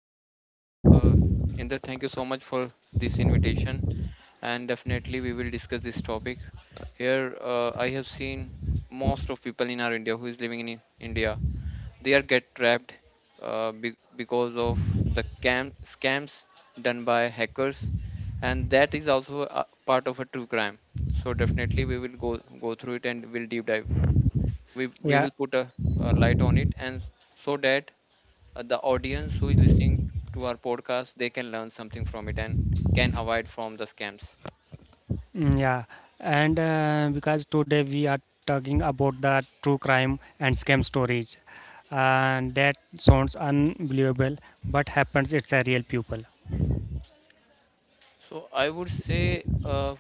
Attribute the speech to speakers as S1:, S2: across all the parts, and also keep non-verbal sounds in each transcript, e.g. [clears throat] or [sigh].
S1: Yeah, sure. Inder, thank you so much for this invitation. And definitely, we will discuss this topic. Here, I have seen most of people in our India who is living in India, they are get trapped because of the scams done by hackers, and that is also a part of a true crime. So definitely, we will go through it and we'll deep dive. We
S2: Yeah.
S1: will put a light on it, and so that the audience who is listening to our podcast they can learn something from it and can avoid from the scams.
S2: Mm, yeah, and because today we are talking about the true crime and scam stories, and that sounds unbelievable, but happens. It's a real people.
S1: So I would say,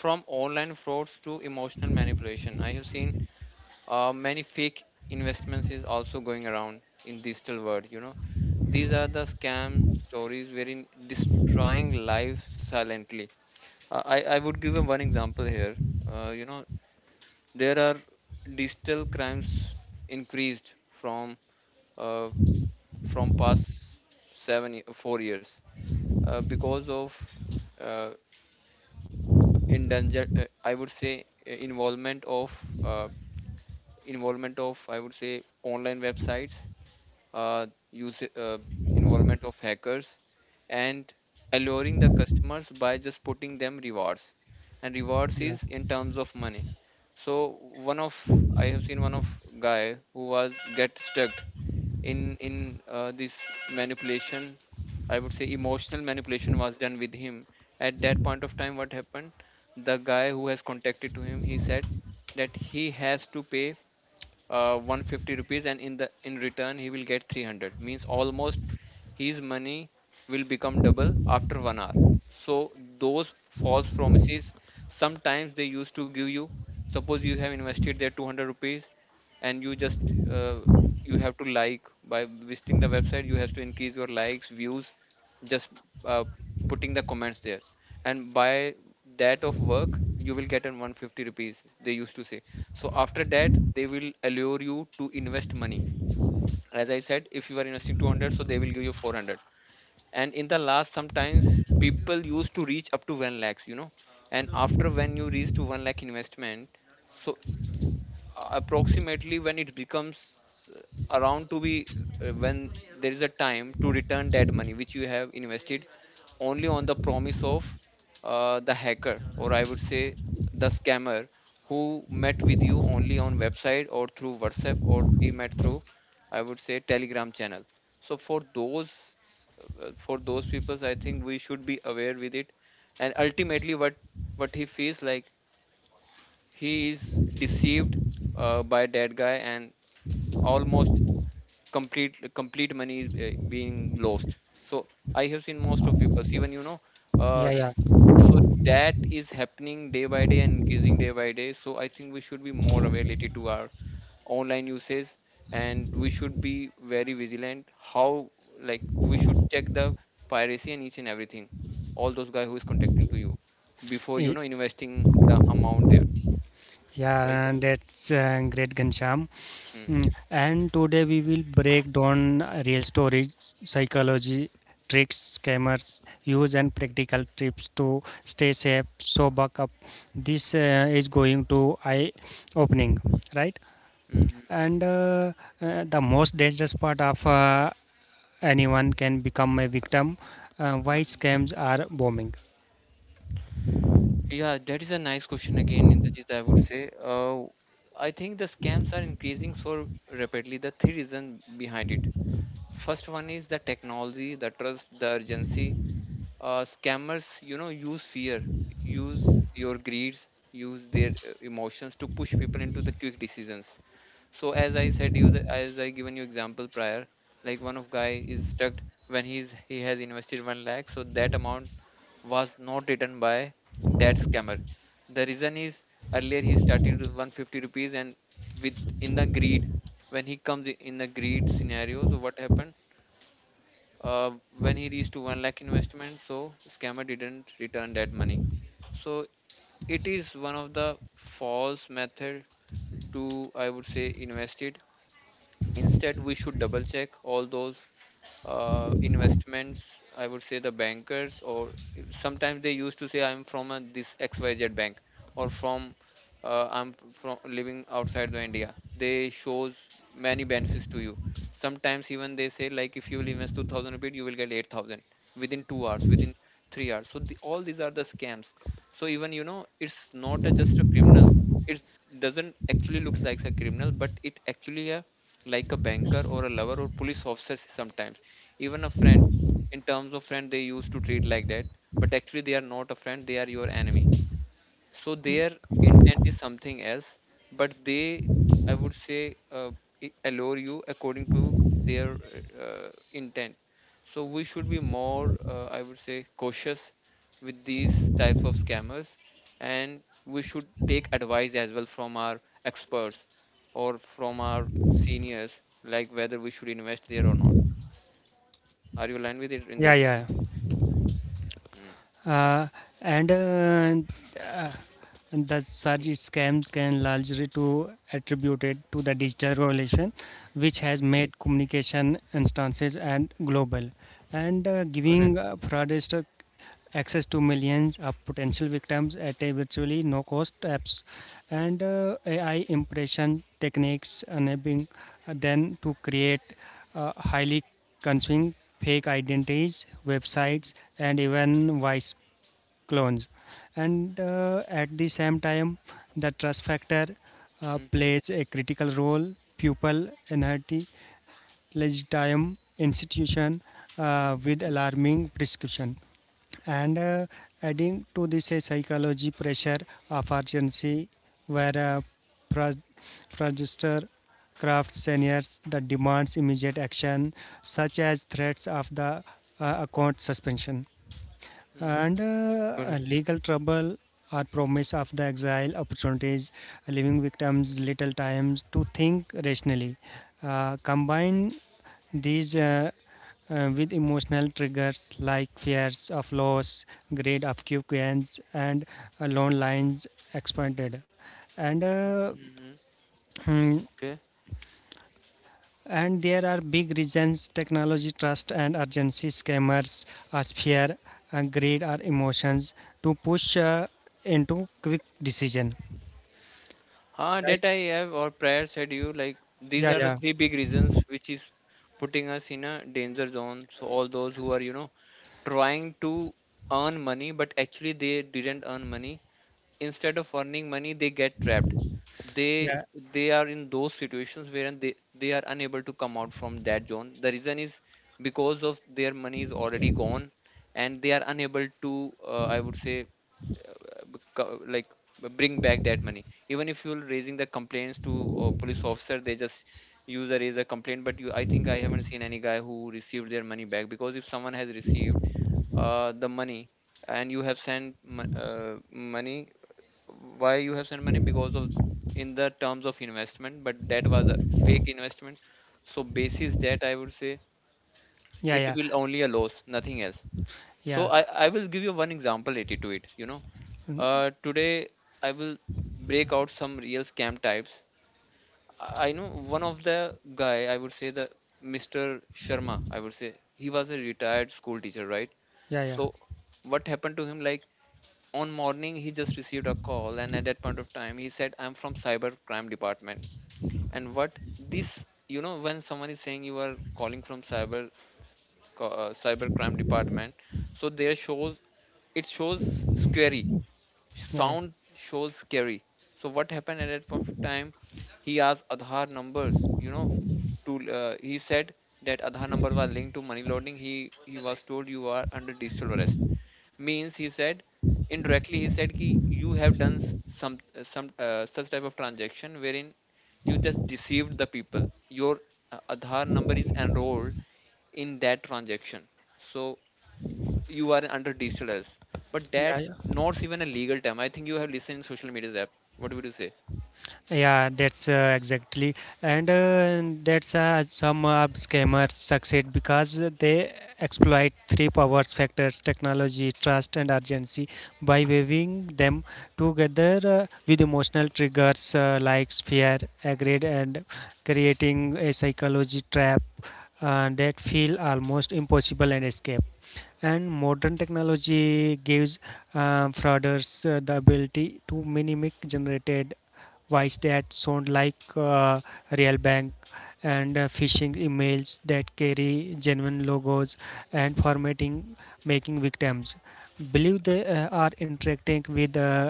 S1: from online frauds to emotional manipulation I have seen many fake investments is also going around in digital world, you know, these are the scam stories wherein destroying life silently. I would give you one example here. You know there are digital crimes increased from uh, from past 4 years because of uh, endanger, I would say, involvement of uh, involvement of I would say online websites, use involvement of hackers, and alluring the customers by just putting them rewards, and rewards
S2: Yeah,
S1: is in terms of money. So one of I have seen one of guy who was get stuck in this manipulation, I would say emotional manipulation was done with him. At that point of time what happened, the guy who has contacted to him he said that he has to pay 150 rupees and in the in return he will get 300, means almost his money will become double after 1 hour. So those false promises, sometimes they used to give you, suppose you have invested there 200 rupees and you just you have to like by visiting the website you have to increase your likes views, just uh, putting the comments there, and by that of work you will get an 150 rupees they used to say. So after that they will allure you to invest money. As I said, if you are investing 200 so they will give you 400, and in the last sometimes people used to reach up to 1 lakhs, you know, and after when you reach to 1 lakh investment, so approximately when it becomes uh, around to be, when there is a time to return that money which you have invested only on the promise of the hacker or I would say the scammer who met with you only on website or through WhatsApp or he met through I would say Telegram channel. So for those, for those people I think we should be aware with it. And ultimately what he feels like, he is deceived by that guy, and almost complete money is being lost. So I have seen most of people, even you know,
S2: yeah,
S1: uh,
S2: yeah.
S1: so that is happening day by day and increasing day by day. So I think we should be more aware related to our online usage and we should be very vigilant, how, like we should check the piracy and each and everything, all those guy who is contacting to you before, you
S2: Y-
S1: know, investing the amount there, right?
S2: Yeah, that's great, Gansham. Mm. And today we will break down real stories, psychology, tricks, scammers, use, and practical tips to stay safe. So, buck up. This is going to eye opening, right?
S1: Mm.
S2: And the most dangerous part of anyone can become a victim. Why
S1: Mm.
S2: scams are bombing?
S1: Yeah, that is a nice question again, Indrajit, I would say. I think the scams are increasing so rapidly. The three reasons behind it. First one is the technology, the trust, the urgency. Scammers, you know, use fear, use your greeds, use their emotions to push people into the quick decisions. So as I said you, the, as I given you example prior, like one of guy is stuck when he has invested one lakh, so that amount was not written by that scammer. The reason is, earlier he started with 150 rupees and with in the greed. When he comes in the greed scenario, so what happened? Uh, when he reached to 1 lakh investment, so scammer didn't return that money. So it is one of the false method to, I would say, invest it. Instead, we should double check all those investments. I would say the bankers, or sometimes they used to say I'm from this XYZ bank, or from I'm from living outside the India, they shows many benefits to you. Sometimes even they say like if you will invest 2000 rupees you will get 8000 within 2 hours, within 3 hours. So all these are the scams. So even you know it's not just a criminal, it doesn't actually looks like a criminal, but it actually a like a banker or a lover or police officer, sometimes even a friend. In terms of friend they used to treat like that, but actually they are not a friend, they are your enemy. So their intent is something else, but they, I would say, allure you according to their intent. So we should be more I would say cautious with these types of scammers, and we should take advice as well from our experts or from our seniors, like whether we should invest there or not. Are you aligned with it,
S2: Yeah,
S1: Rinder?
S2: yeah.
S1: Mm.
S2: Uh, and uh, uh, And the such
S1: Yeah.
S2: scams can largely to attributed to the digital revolution, which has
S1: Mm.
S2: made communication instances and global, and giving
S1: Correct.
S2: fraudsters access to millions of potential victims at a virtually no cost apps, and AI impression techniques enabling them to create highly consuming fake identities,
S1: Mm.
S2: websites, and even voice clones, and at the same time the trust factor
S1: Mm-hmm.
S2: plays a critical role pupil enhance legitimate institution
S1: Mm-hmm.
S2: with alarming prescription, and adding to this a psychology pressure of urgency where pro- crafts seniors that demands immediate action such as threats of the account suspension
S1: Mm.
S2: and
S1: Correct.
S2: legal trouble or
S1: Mhm,
S2: promise of the exile opportunities, leaving victims little time to think rationally. Combine these with emotional triggers like fears of loss, greed of quick gains, and loan lines expanded. And
S1: mhm.
S2: [clears throat]
S1: Okay.
S2: And there are big reasons: technology, trust, and urgency. Scammers are fear, and greed, or emotions to push into quick decision.
S1: Huh,
S2: Right?
S1: that I have or prior said you, like these
S2: Yeah,
S1: are the
S2: yeah,
S1: three big reasons which is putting us in a danger zone. So all those who are, you know, trying to earn money, but actually they didn't earn money, instead of earning money they get trapped. they
S2: yeah,
S1: they are in those situations wherein they are unable to come out from that zone. The reason is because of their money is already gone, and they are unable to, I would say, like bring back that money. Even if you're raising the complaints to police officer, they just use a raise a complaint, but you, I think, I haven't seen any guy who received their money back. Because if someone has received the money and you have sent money, why you have sent money, because of in the terms of investment, but that was a fake investment. So basis that, I would say
S2: yeah,
S1: it
S2: yeah,
S1: will only a loss, nothing else. So
S2: yeah,
S1: I will give you one example related to it, you know. Today I will break out some real scam types. I know one of the guy, I would say the Mr. Sharma, I would say, he was a retired school teacher, right?
S2: yeah, yeah, yeah,
S1: So what happened to him, like, on morning he just received a call, and at that point of time he said I'm from cyber crime department. And what, this you know, when someone is saying you are calling from cyber cyber crime department, so there shows, it shows scary,
S2: yeah,
S1: sound shows scary. So what happened at that point of time, he asked Aadhaar numbers, you know, to he said that Aadhaar numbers were linked to money laundering. He was told you are under digital arrest, means he said indirectly he said ki you have done some such type of transaction wherein you just deceived the people, your aadhaar number is enrolled in that transaction, so you are under digital arrest. But
S2: yeah,
S1: that
S2: yeah.
S1: not even a legal term, I think, you have listened in social media app, what would you say?
S2: Yeah, that's exactly, and that's some scammers succeed because they exploit three powers factors: technology, trust, and urgency, by weaving them together with emotional triggers like fear, aggression, and creating a psychology trap that feel almost impossible and escape. And modern technology gives frauders the ability to mimic generated voice that sound like real bank and phishing emails that carry genuine logos and formatting, making victims believe they are interacting with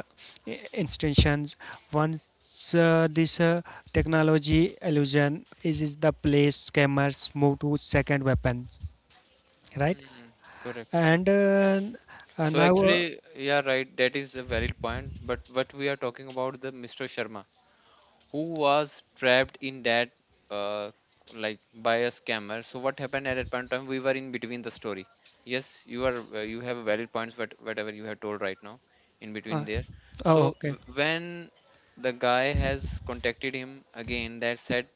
S2: institutions. Once this technology illusion is the place scammers move to second weapon, right?
S1: Hmm, correct.
S2: And
S1: So
S2: now,
S1: actually, yeah, right. That is a valid point. But what we are talking about the Mr. Sharma. Who was trapped in that uh, like by a scammer. So what happened at that point of time, we were in between the story. Yes, you are you have valid points, but whatever you have told right now in between
S2: uh,
S1: there.
S2: oh,
S1: So
S2: okay.
S1: when the guy has contacted him again that said,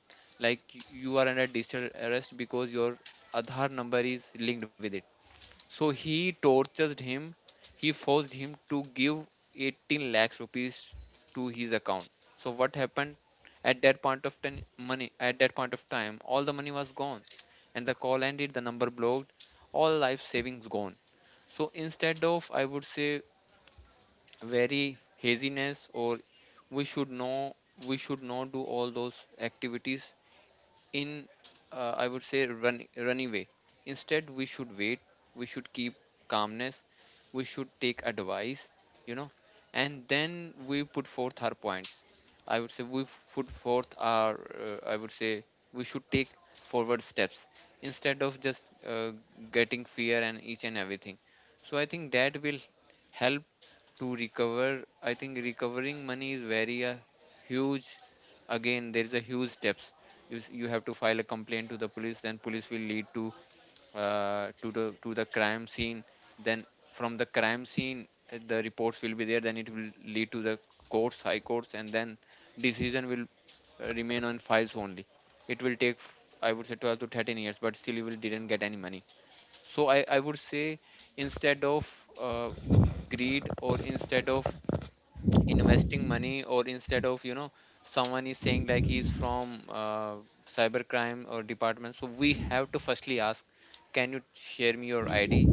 S1: like you are under digital arrest because your Aadhaar number is linked with it, so he tortured him. He forced him to give 18 lakhs rupees to his account. So what happened at that point of time, money at that point of time, all the money was gone, and the call ended. The number blocked. All life savings gone. So instead of, I would say, very haziness, or we should know we should not do all those activities in, I would say, run, run away. Instead we should wait, we should keep calmness, we should take advice, you know and then we put forth our points. I would say we put forth our I would say, we should take forward steps, instead of just getting fear and each and everything. So I think that will help to recover. I think recovering money is very huge. Again there is a huge steps, you have to file a complaint to the police, then police will lead to the crime scene, then from the crime scene the reports will be there, then it will lead to the courts, high courts, and then decision will remain on files only. It will take I would say 12 to 13 years, but still you will didn't get any money. So I would say, instead of uh, greed, or instead of investing money, or instead of someone is saying like he's from cybercrime or department, so we have to firstly ask, can you share me your id,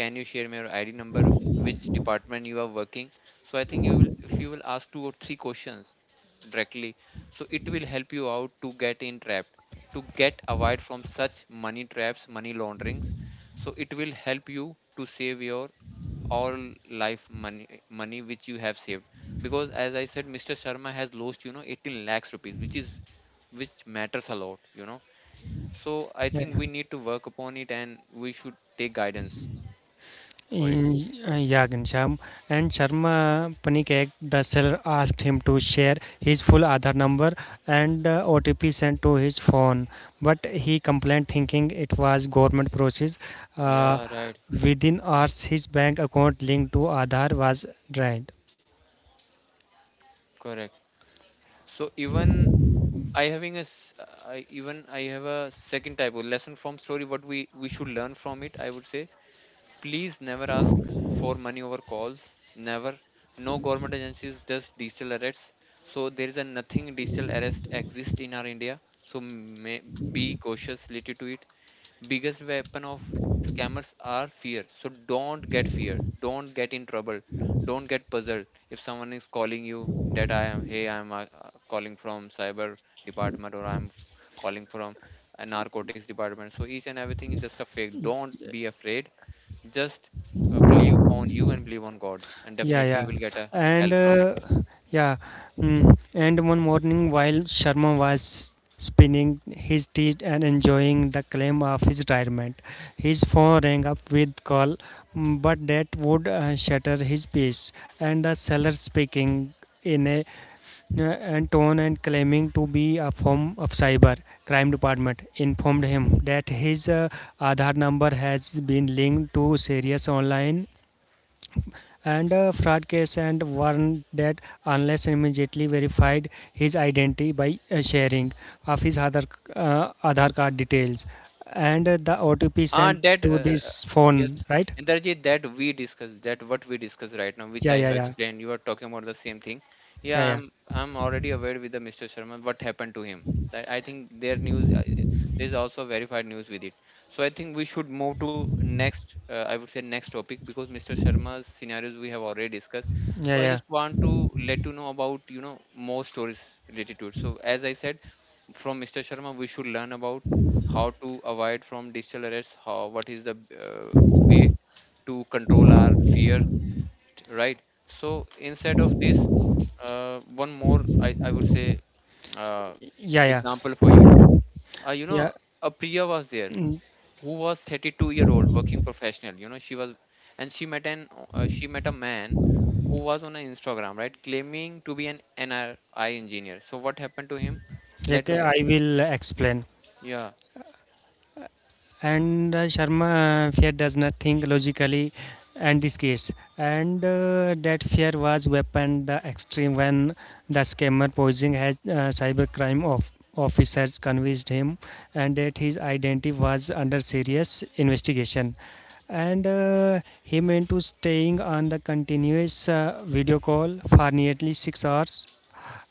S1: can you share me your id number, which department you are working. So I think you will if you will ask two or three questions directly, so it will help you out to get in entrapped, to get avoid from such money traps, money launderings. So it will help you to save your all life money which you have saved. Because as I said, Mr. Sharma has lost 18 lakhs rupees, which matters a lot. So I
S2: Yeah,
S1: think
S2: yeah.
S1: we need to work upon it, and we should take guidance for it.
S2: In, yeah, Ghanshyam. And Sharma Panikek, the seller asked him to share his full Aadhaar number and OTP sent to his phone. But he complained thinking it was government process. Uh,
S1: Yeah, right.
S2: Within hours, his bank account linked to Aadhaar was drained.
S1: Correct. So even I having a s- I even I have a second type of lesson from story what we should learn from it, I would say. Please never ask for money over calls. Never. No government agencies does digital arrests. So there is a nothing digital arrest exists in our India. So may be cautious related to it. Biggest weapon of scammers are fear. So don't get fear. Don't get in trouble. Don't get puzzled if someone is calling you that I am calling from cyber department, or I am calling from a narcotics department. So each and everything is just a fake. Don't be afraid, just believe on you and believe on God, and
S2: Yeah,
S1: definitely you
S2: yeah,
S1: will get a
S2: and
S1: help from it.
S2: yeah, and one morning while Sharma was spinning his teeth and enjoying the claim of his retirement, his phone rang up with call, but that would shatter his peace. And the seller speaking in a and tone and claiming to be a form of cyber crime department informed him that his Aadhaar number has been linked to serious online and a fraud case and warned that unless immediately verified his identity by sharing of his other Aadhaar card details and the OTP
S1: Ah,
S2: sent
S1: that
S2: to this
S1: yes,
S2: phone, right?
S1: Indrajit, that we discuss, that what we discuss right now, which
S2: Yeah,
S1: I
S2: yeah,
S1: have
S2: yeah,
S1: explained. You are talking about the same thing. Yeah,
S2: yeah, yeah,
S1: I'm already aware with the Mr. Sharma what happened to him. That I think their news is also verified news with it. So I think we should move to next. I would say next topic, because Mr. Sharma's scenarios we have already discussed.
S2: yeah, yeah,
S1: So I
S2: yeah,
S1: just want to let you know about more stories related to it. So as I said, from Mr. Sharma, we should learn about how to avoid from digital arrests, how, what is the way to control our fear, right? So instead of this, one more I would say uh,
S2: yeah, yeah,
S1: example for you. Uh, you
S2: yeah.
S1: know, a Priya was there who was 32-year-old working professional. You know, she was and She met a man who was on an Instagram, right, claiming to be an NRI engineer. So what happened to him? Let
S2: Okay,
S1: me guess.
S2: I will explain.
S1: Yeah.
S2: And Sharma fear does not think logically in this case, and that fear was weaponed the extreme when the scammer posing as cybercrime of officers convinced him and that his identity was under serious investigation, and he meant to staying on the continuous video call for nearly 6 hours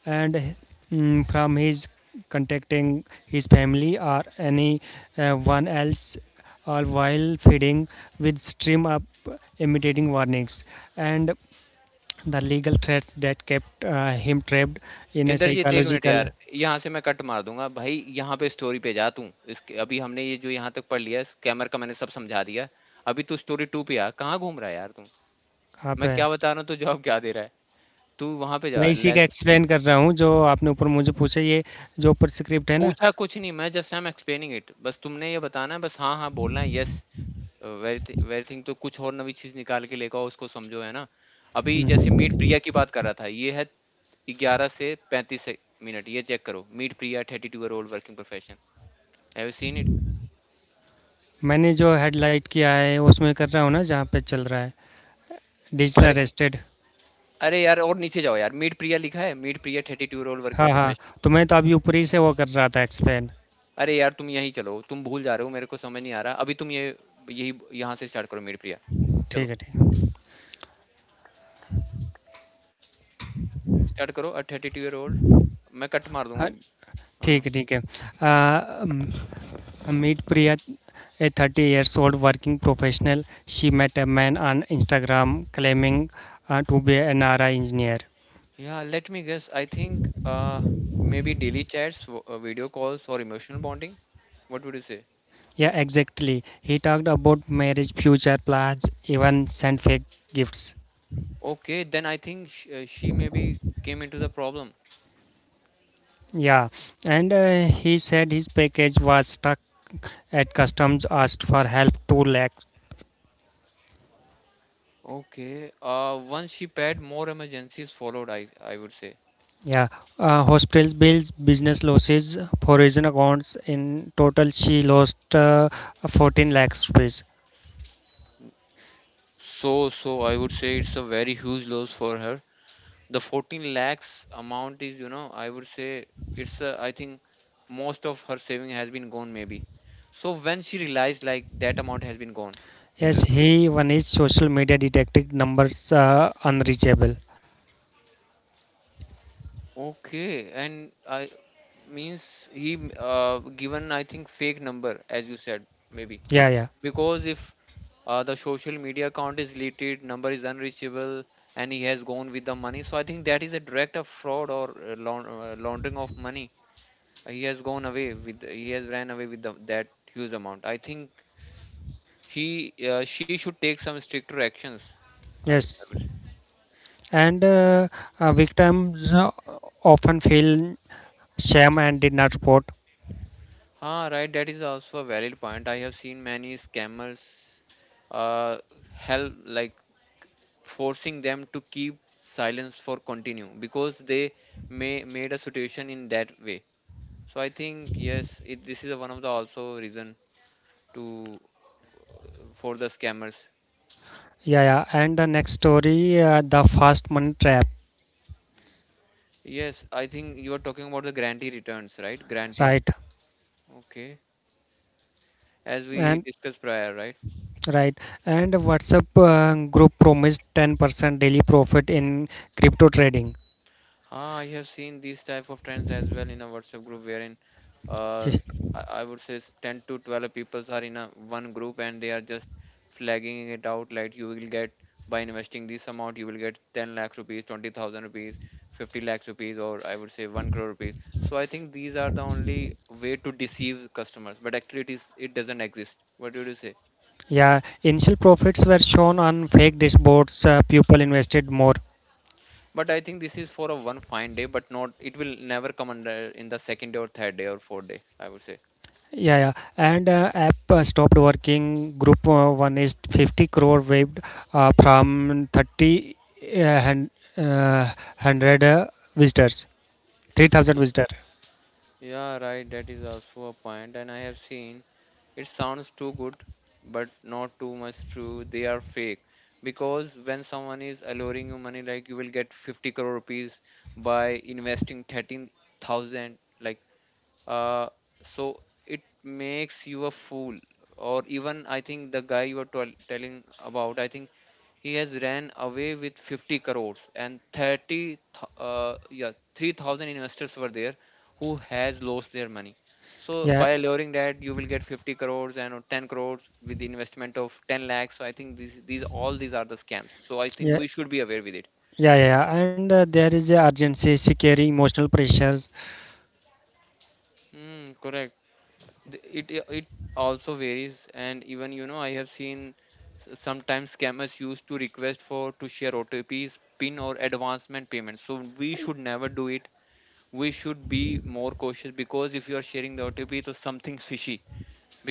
S2: and from his contacting his family or any one else or while feeding with stream up imitating warnings and the legal threats that kept him trapped in a
S1: Indrajit 1 minute
S2: psychological
S1: यार, यहाँ से मैं cut मार दूँगा भाई, यहाँ पे story पे जा तू, इसके अभी हमने ये जो यहाँ तक पढ़ लिया है, स्कैमर का मैंने सब समझा दिया, अभी तू स्टोरी 2 पे आ, कहाँ घूम रहा है यार तू?
S2: कहाँ पे
S1: मैं
S2: है?
S1: क्या बता रहा हूँ, तू जवाब क्या दे रहा है? तू वहाँ पे
S2: मैं
S1: जा,
S2: इसी का
S1: लेट्स
S2: एक्सप्लेन कर रहा हूँ जो आपने ऊपर मुझे पूछा ये जो ऊपर स्क्रिप्ट है ना
S1: पूछा कुछ नहीं, मैं just I am explaining it, बस तुमने ये बताना है, बस हाँ, हाँ बोलना है, यस वेरी थिंग तो कुछ और नई चीज़ निकाल के लेकर आओ, उसको समझो, है ना? अभी जैसे मीट प्रिया की बात कर रहा था, ये है 11 से 35 से मिनट, ये चेक करो, meet Priya, 32 year old working profession, have you seen it?
S2: मैंने जो हेडलाइट किया है उसमें कर रहा हूँ ना जहाँ पे चल रहा है डिजिटल
S1: अरे,
S2: अरेस्टेड
S1: अरे यार और नीचे जाओ यार, मीट प्रिया लिखा है, meet Priya thirty two role
S2: हाँ
S1: वर्किंग
S2: हाँ
S1: प्रोफेशनल।
S2: तो मैं तो अभी ऊपर ही से वो कर रहा था एक्सप्लेन
S1: अरे यार तुम यहीं चलो, तुम भूल जा रहे हो, मेरे को समझ नहीं आ रहा अभी, तुम ये यही यहाँ से स्टार्ट करो, मीट प्रिया, चलो
S2: ठीक है
S1: स्टार्ट करो a thirty two year old, मैं कट मार
S2: हाँ,
S1: दूंगा। हाँ।
S2: ठीक है, ठीक है। Uh, um, Meet Priya, a 30-years-old working professional. She met a man on Instagram claiming to be an RI engineer.
S1: Yeah, let me guess, I think maybe daily chats, video calls और emotional bonding. What would you say?
S2: Yeah, exactly. He talked about marriage, future plans, even sent fake gifts.
S1: Okay, then I think she maybe came into the problem.
S2: Yeah, and he said his package was stuck at customs, asked for help 2 lakh.
S1: Okay. Once she paired, more emergencies followed, I would say.
S2: Yeah. Hospitals bills, business losses, foreign accounts. In total, she lost 14 lakhs rupees.
S1: So I would say it's a very huge loss for her. The 14 lakhs amount is, I would say it's I think most of her saving has been gone maybe. So when she realized like that amount has been gone in
S2: Yes,
S1: there.
S2: he one is social media detected numbers unreachable.
S1: Okay. And I means he given, I think, fake number as you said maybe.
S2: Yeah, yeah,
S1: Because if the social media account is deleted, number is unreachable, and he has gone with the money, so I think that is a direct of fraud or laundering of money. He has ran away with that huge amount, I think. He uh, she should take some stricter actions, I
S2: yes.
S1: would say.
S2: And victims often feel shame and did not report.
S1: Ah, right, that is also a valid point. I have seen many scammers uh help, like forcing them to keep silence for continue, because they may made a situation in that way. So I think, yes, this is a one of the also reason to for the scammers.
S2: Yeah, yeah. And the next story, the fast money trap.
S1: Yes, I think you are talking about the grantee returns, right? Grantee,
S2: Right,
S1: okay, as we
S2: and
S1: discussed prior, right.
S2: right, and WhatsApp group promised 10% daily profit in crypto trading.
S1: Ah, I have seen these type of trends as well in a WhatsApp group, wherein, uh, I would say, 10 to 12 peoples are in a one group, and they are just flagging it out like, you will get, by investing this amount you will get 10 lakhs rupees, 20,000 rupees, 50 lakhs rupees, or I would say 1 crore rupees. So I think these are the only way to deceive customers, but actually, it doesn't exist. What do you say?
S2: Yeah, initial profits were shown on fake dashboards. People invested more.
S1: But I think this is for a one fine day, but not, it will never come under in the second day or third day or fourth day, I would say.
S2: Yeah, yeah. And app stopped working. Group one is 50 crore waived from 30 uh, hun- 100 visitors, 3,000 visitors.
S1: Yeah, right, that is also a point, and I have seen, it sounds too good, but not too much true. They are fake, because when someone is alluring you money, like you will get 50 crore rupees by investing 13,000, like uh, so it makes you a fool. Or even, I think, the guy you are telling about, I think, he has ran away with 50 crores and 30, yeah, 3,000 investors were there who has lost their money. So
S2: Yeah,
S1: by luring that, you will get 50 crores and 10 crores with the investment of 10 lakhs. So I think these all these are the scams. So I think
S2: yeah.
S1: we should be aware with it.
S2: Yeah, yeah, yeah. And there is a urgency, security, emotional pressures.
S1: Mm, correct. It also varies, and even I have seen, sometimes scammers used to request for to share OTPs, PIN or advancement payments. So we should never do it. We should be more cautious, because if you are sharing the OTP, so something's fishy.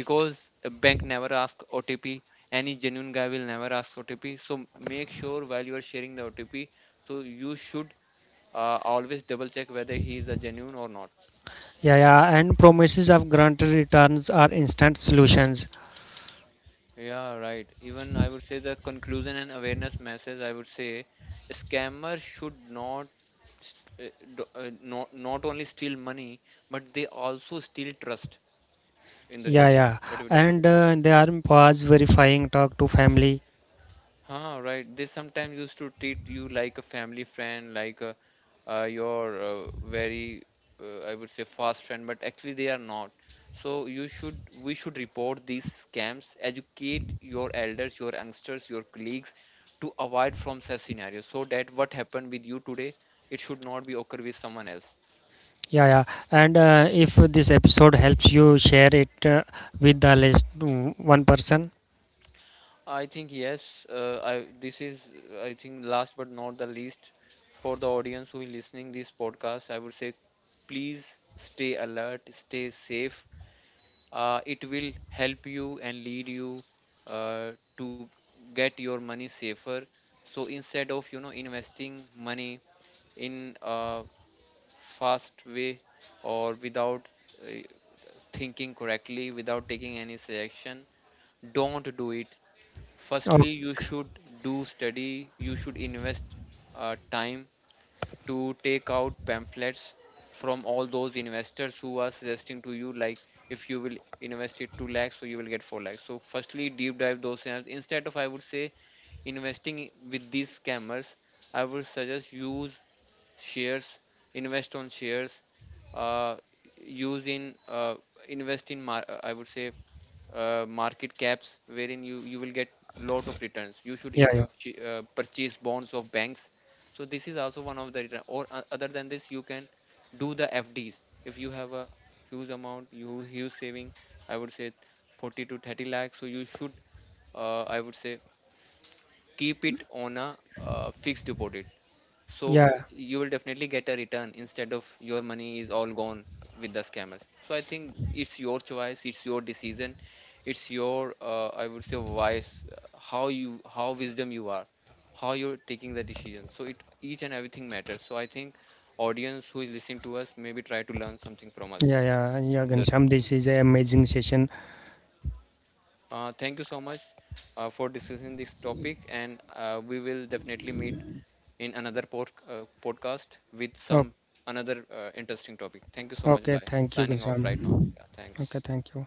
S1: Because a bank never asks OTP, any genuine guy will never ask OTP. So make sure while you are sharing the OTP, so you should always double check whether he is a genuine or not.
S2: Yeah, yeah, and promises of grant returns are instant solutions.
S1: Yeah, right. Even I would say the conclusion and awareness message. I would say a scammer should not st- do- not not only steal money, but they also steal trust. Inderjit,
S2: Yeah, yeah,
S1: what would you say?
S2: and they are pause verifying talk to family.
S1: Huh, right. They sometimes used to treat you like a family friend, like your very, I would say, fast friend, but actually they are not. So we should report these scams, educate your elders, your youngsters, your colleagues, to avoid from such scenarios, so that what happened with you today, it should not be occur with someone else.
S2: Yeah, yeah, and if this episode helps you, share it with the least one person.
S1: I think yes. I this is I think last but not the least for the audience who is listening this podcast. I would say, please stay alert, stay safe. It will help you and lead you to get your money safer. So instead of investing money in a fast way, or without uh, thinking correctly, without taking any selection, don't do it.
S2: Oh,
S1: Firstly you should do study, you should invest time to take out pamphlets from all those investors who are suggesting to you like, if you will invest it 2 lakhs, so you will get 4 lakhs, so firstly deep dive those scenarios, instead of, I would say, investing with these scammers. I would suggest, use shares, invest on shares, uh, use in invest in mar- I would say market caps, wherein you will get lot of returns. You should
S2: yeah, yeah,
S1: purchase bonds of banks, so this is also one of the return. Or other than this you can do the FDs, if you have a huge amount, you huge saving, I would say, 40 to 30 lakhs, so you should, I would say, keep it on a fixed deposit, so
S2: yeah,
S1: you will definitely get a return instead of your money is all gone with the scammers. So I think it's your choice, it's your decision, it's your I would say, wise, how wisdom you are, how you're taking the decision, so it each and everything matters, so I think audience who is listening to us maybe try to learn something from us.
S2: yeah, yeah, yeah.
S1: in
S2: Gansham, this is an amazing session.
S1: uh, thank you so much for discussing this topic, and we will definitely meet in another podcast with
S2: Oh,
S1: some another interesting topic. Thank you so much.
S2: okay,
S1: Bye.
S2: thank you,
S1: Signing off right now.
S2: Gansham.
S1: Yeah,
S2: Okay,
S1: thanks.
S2: thank you.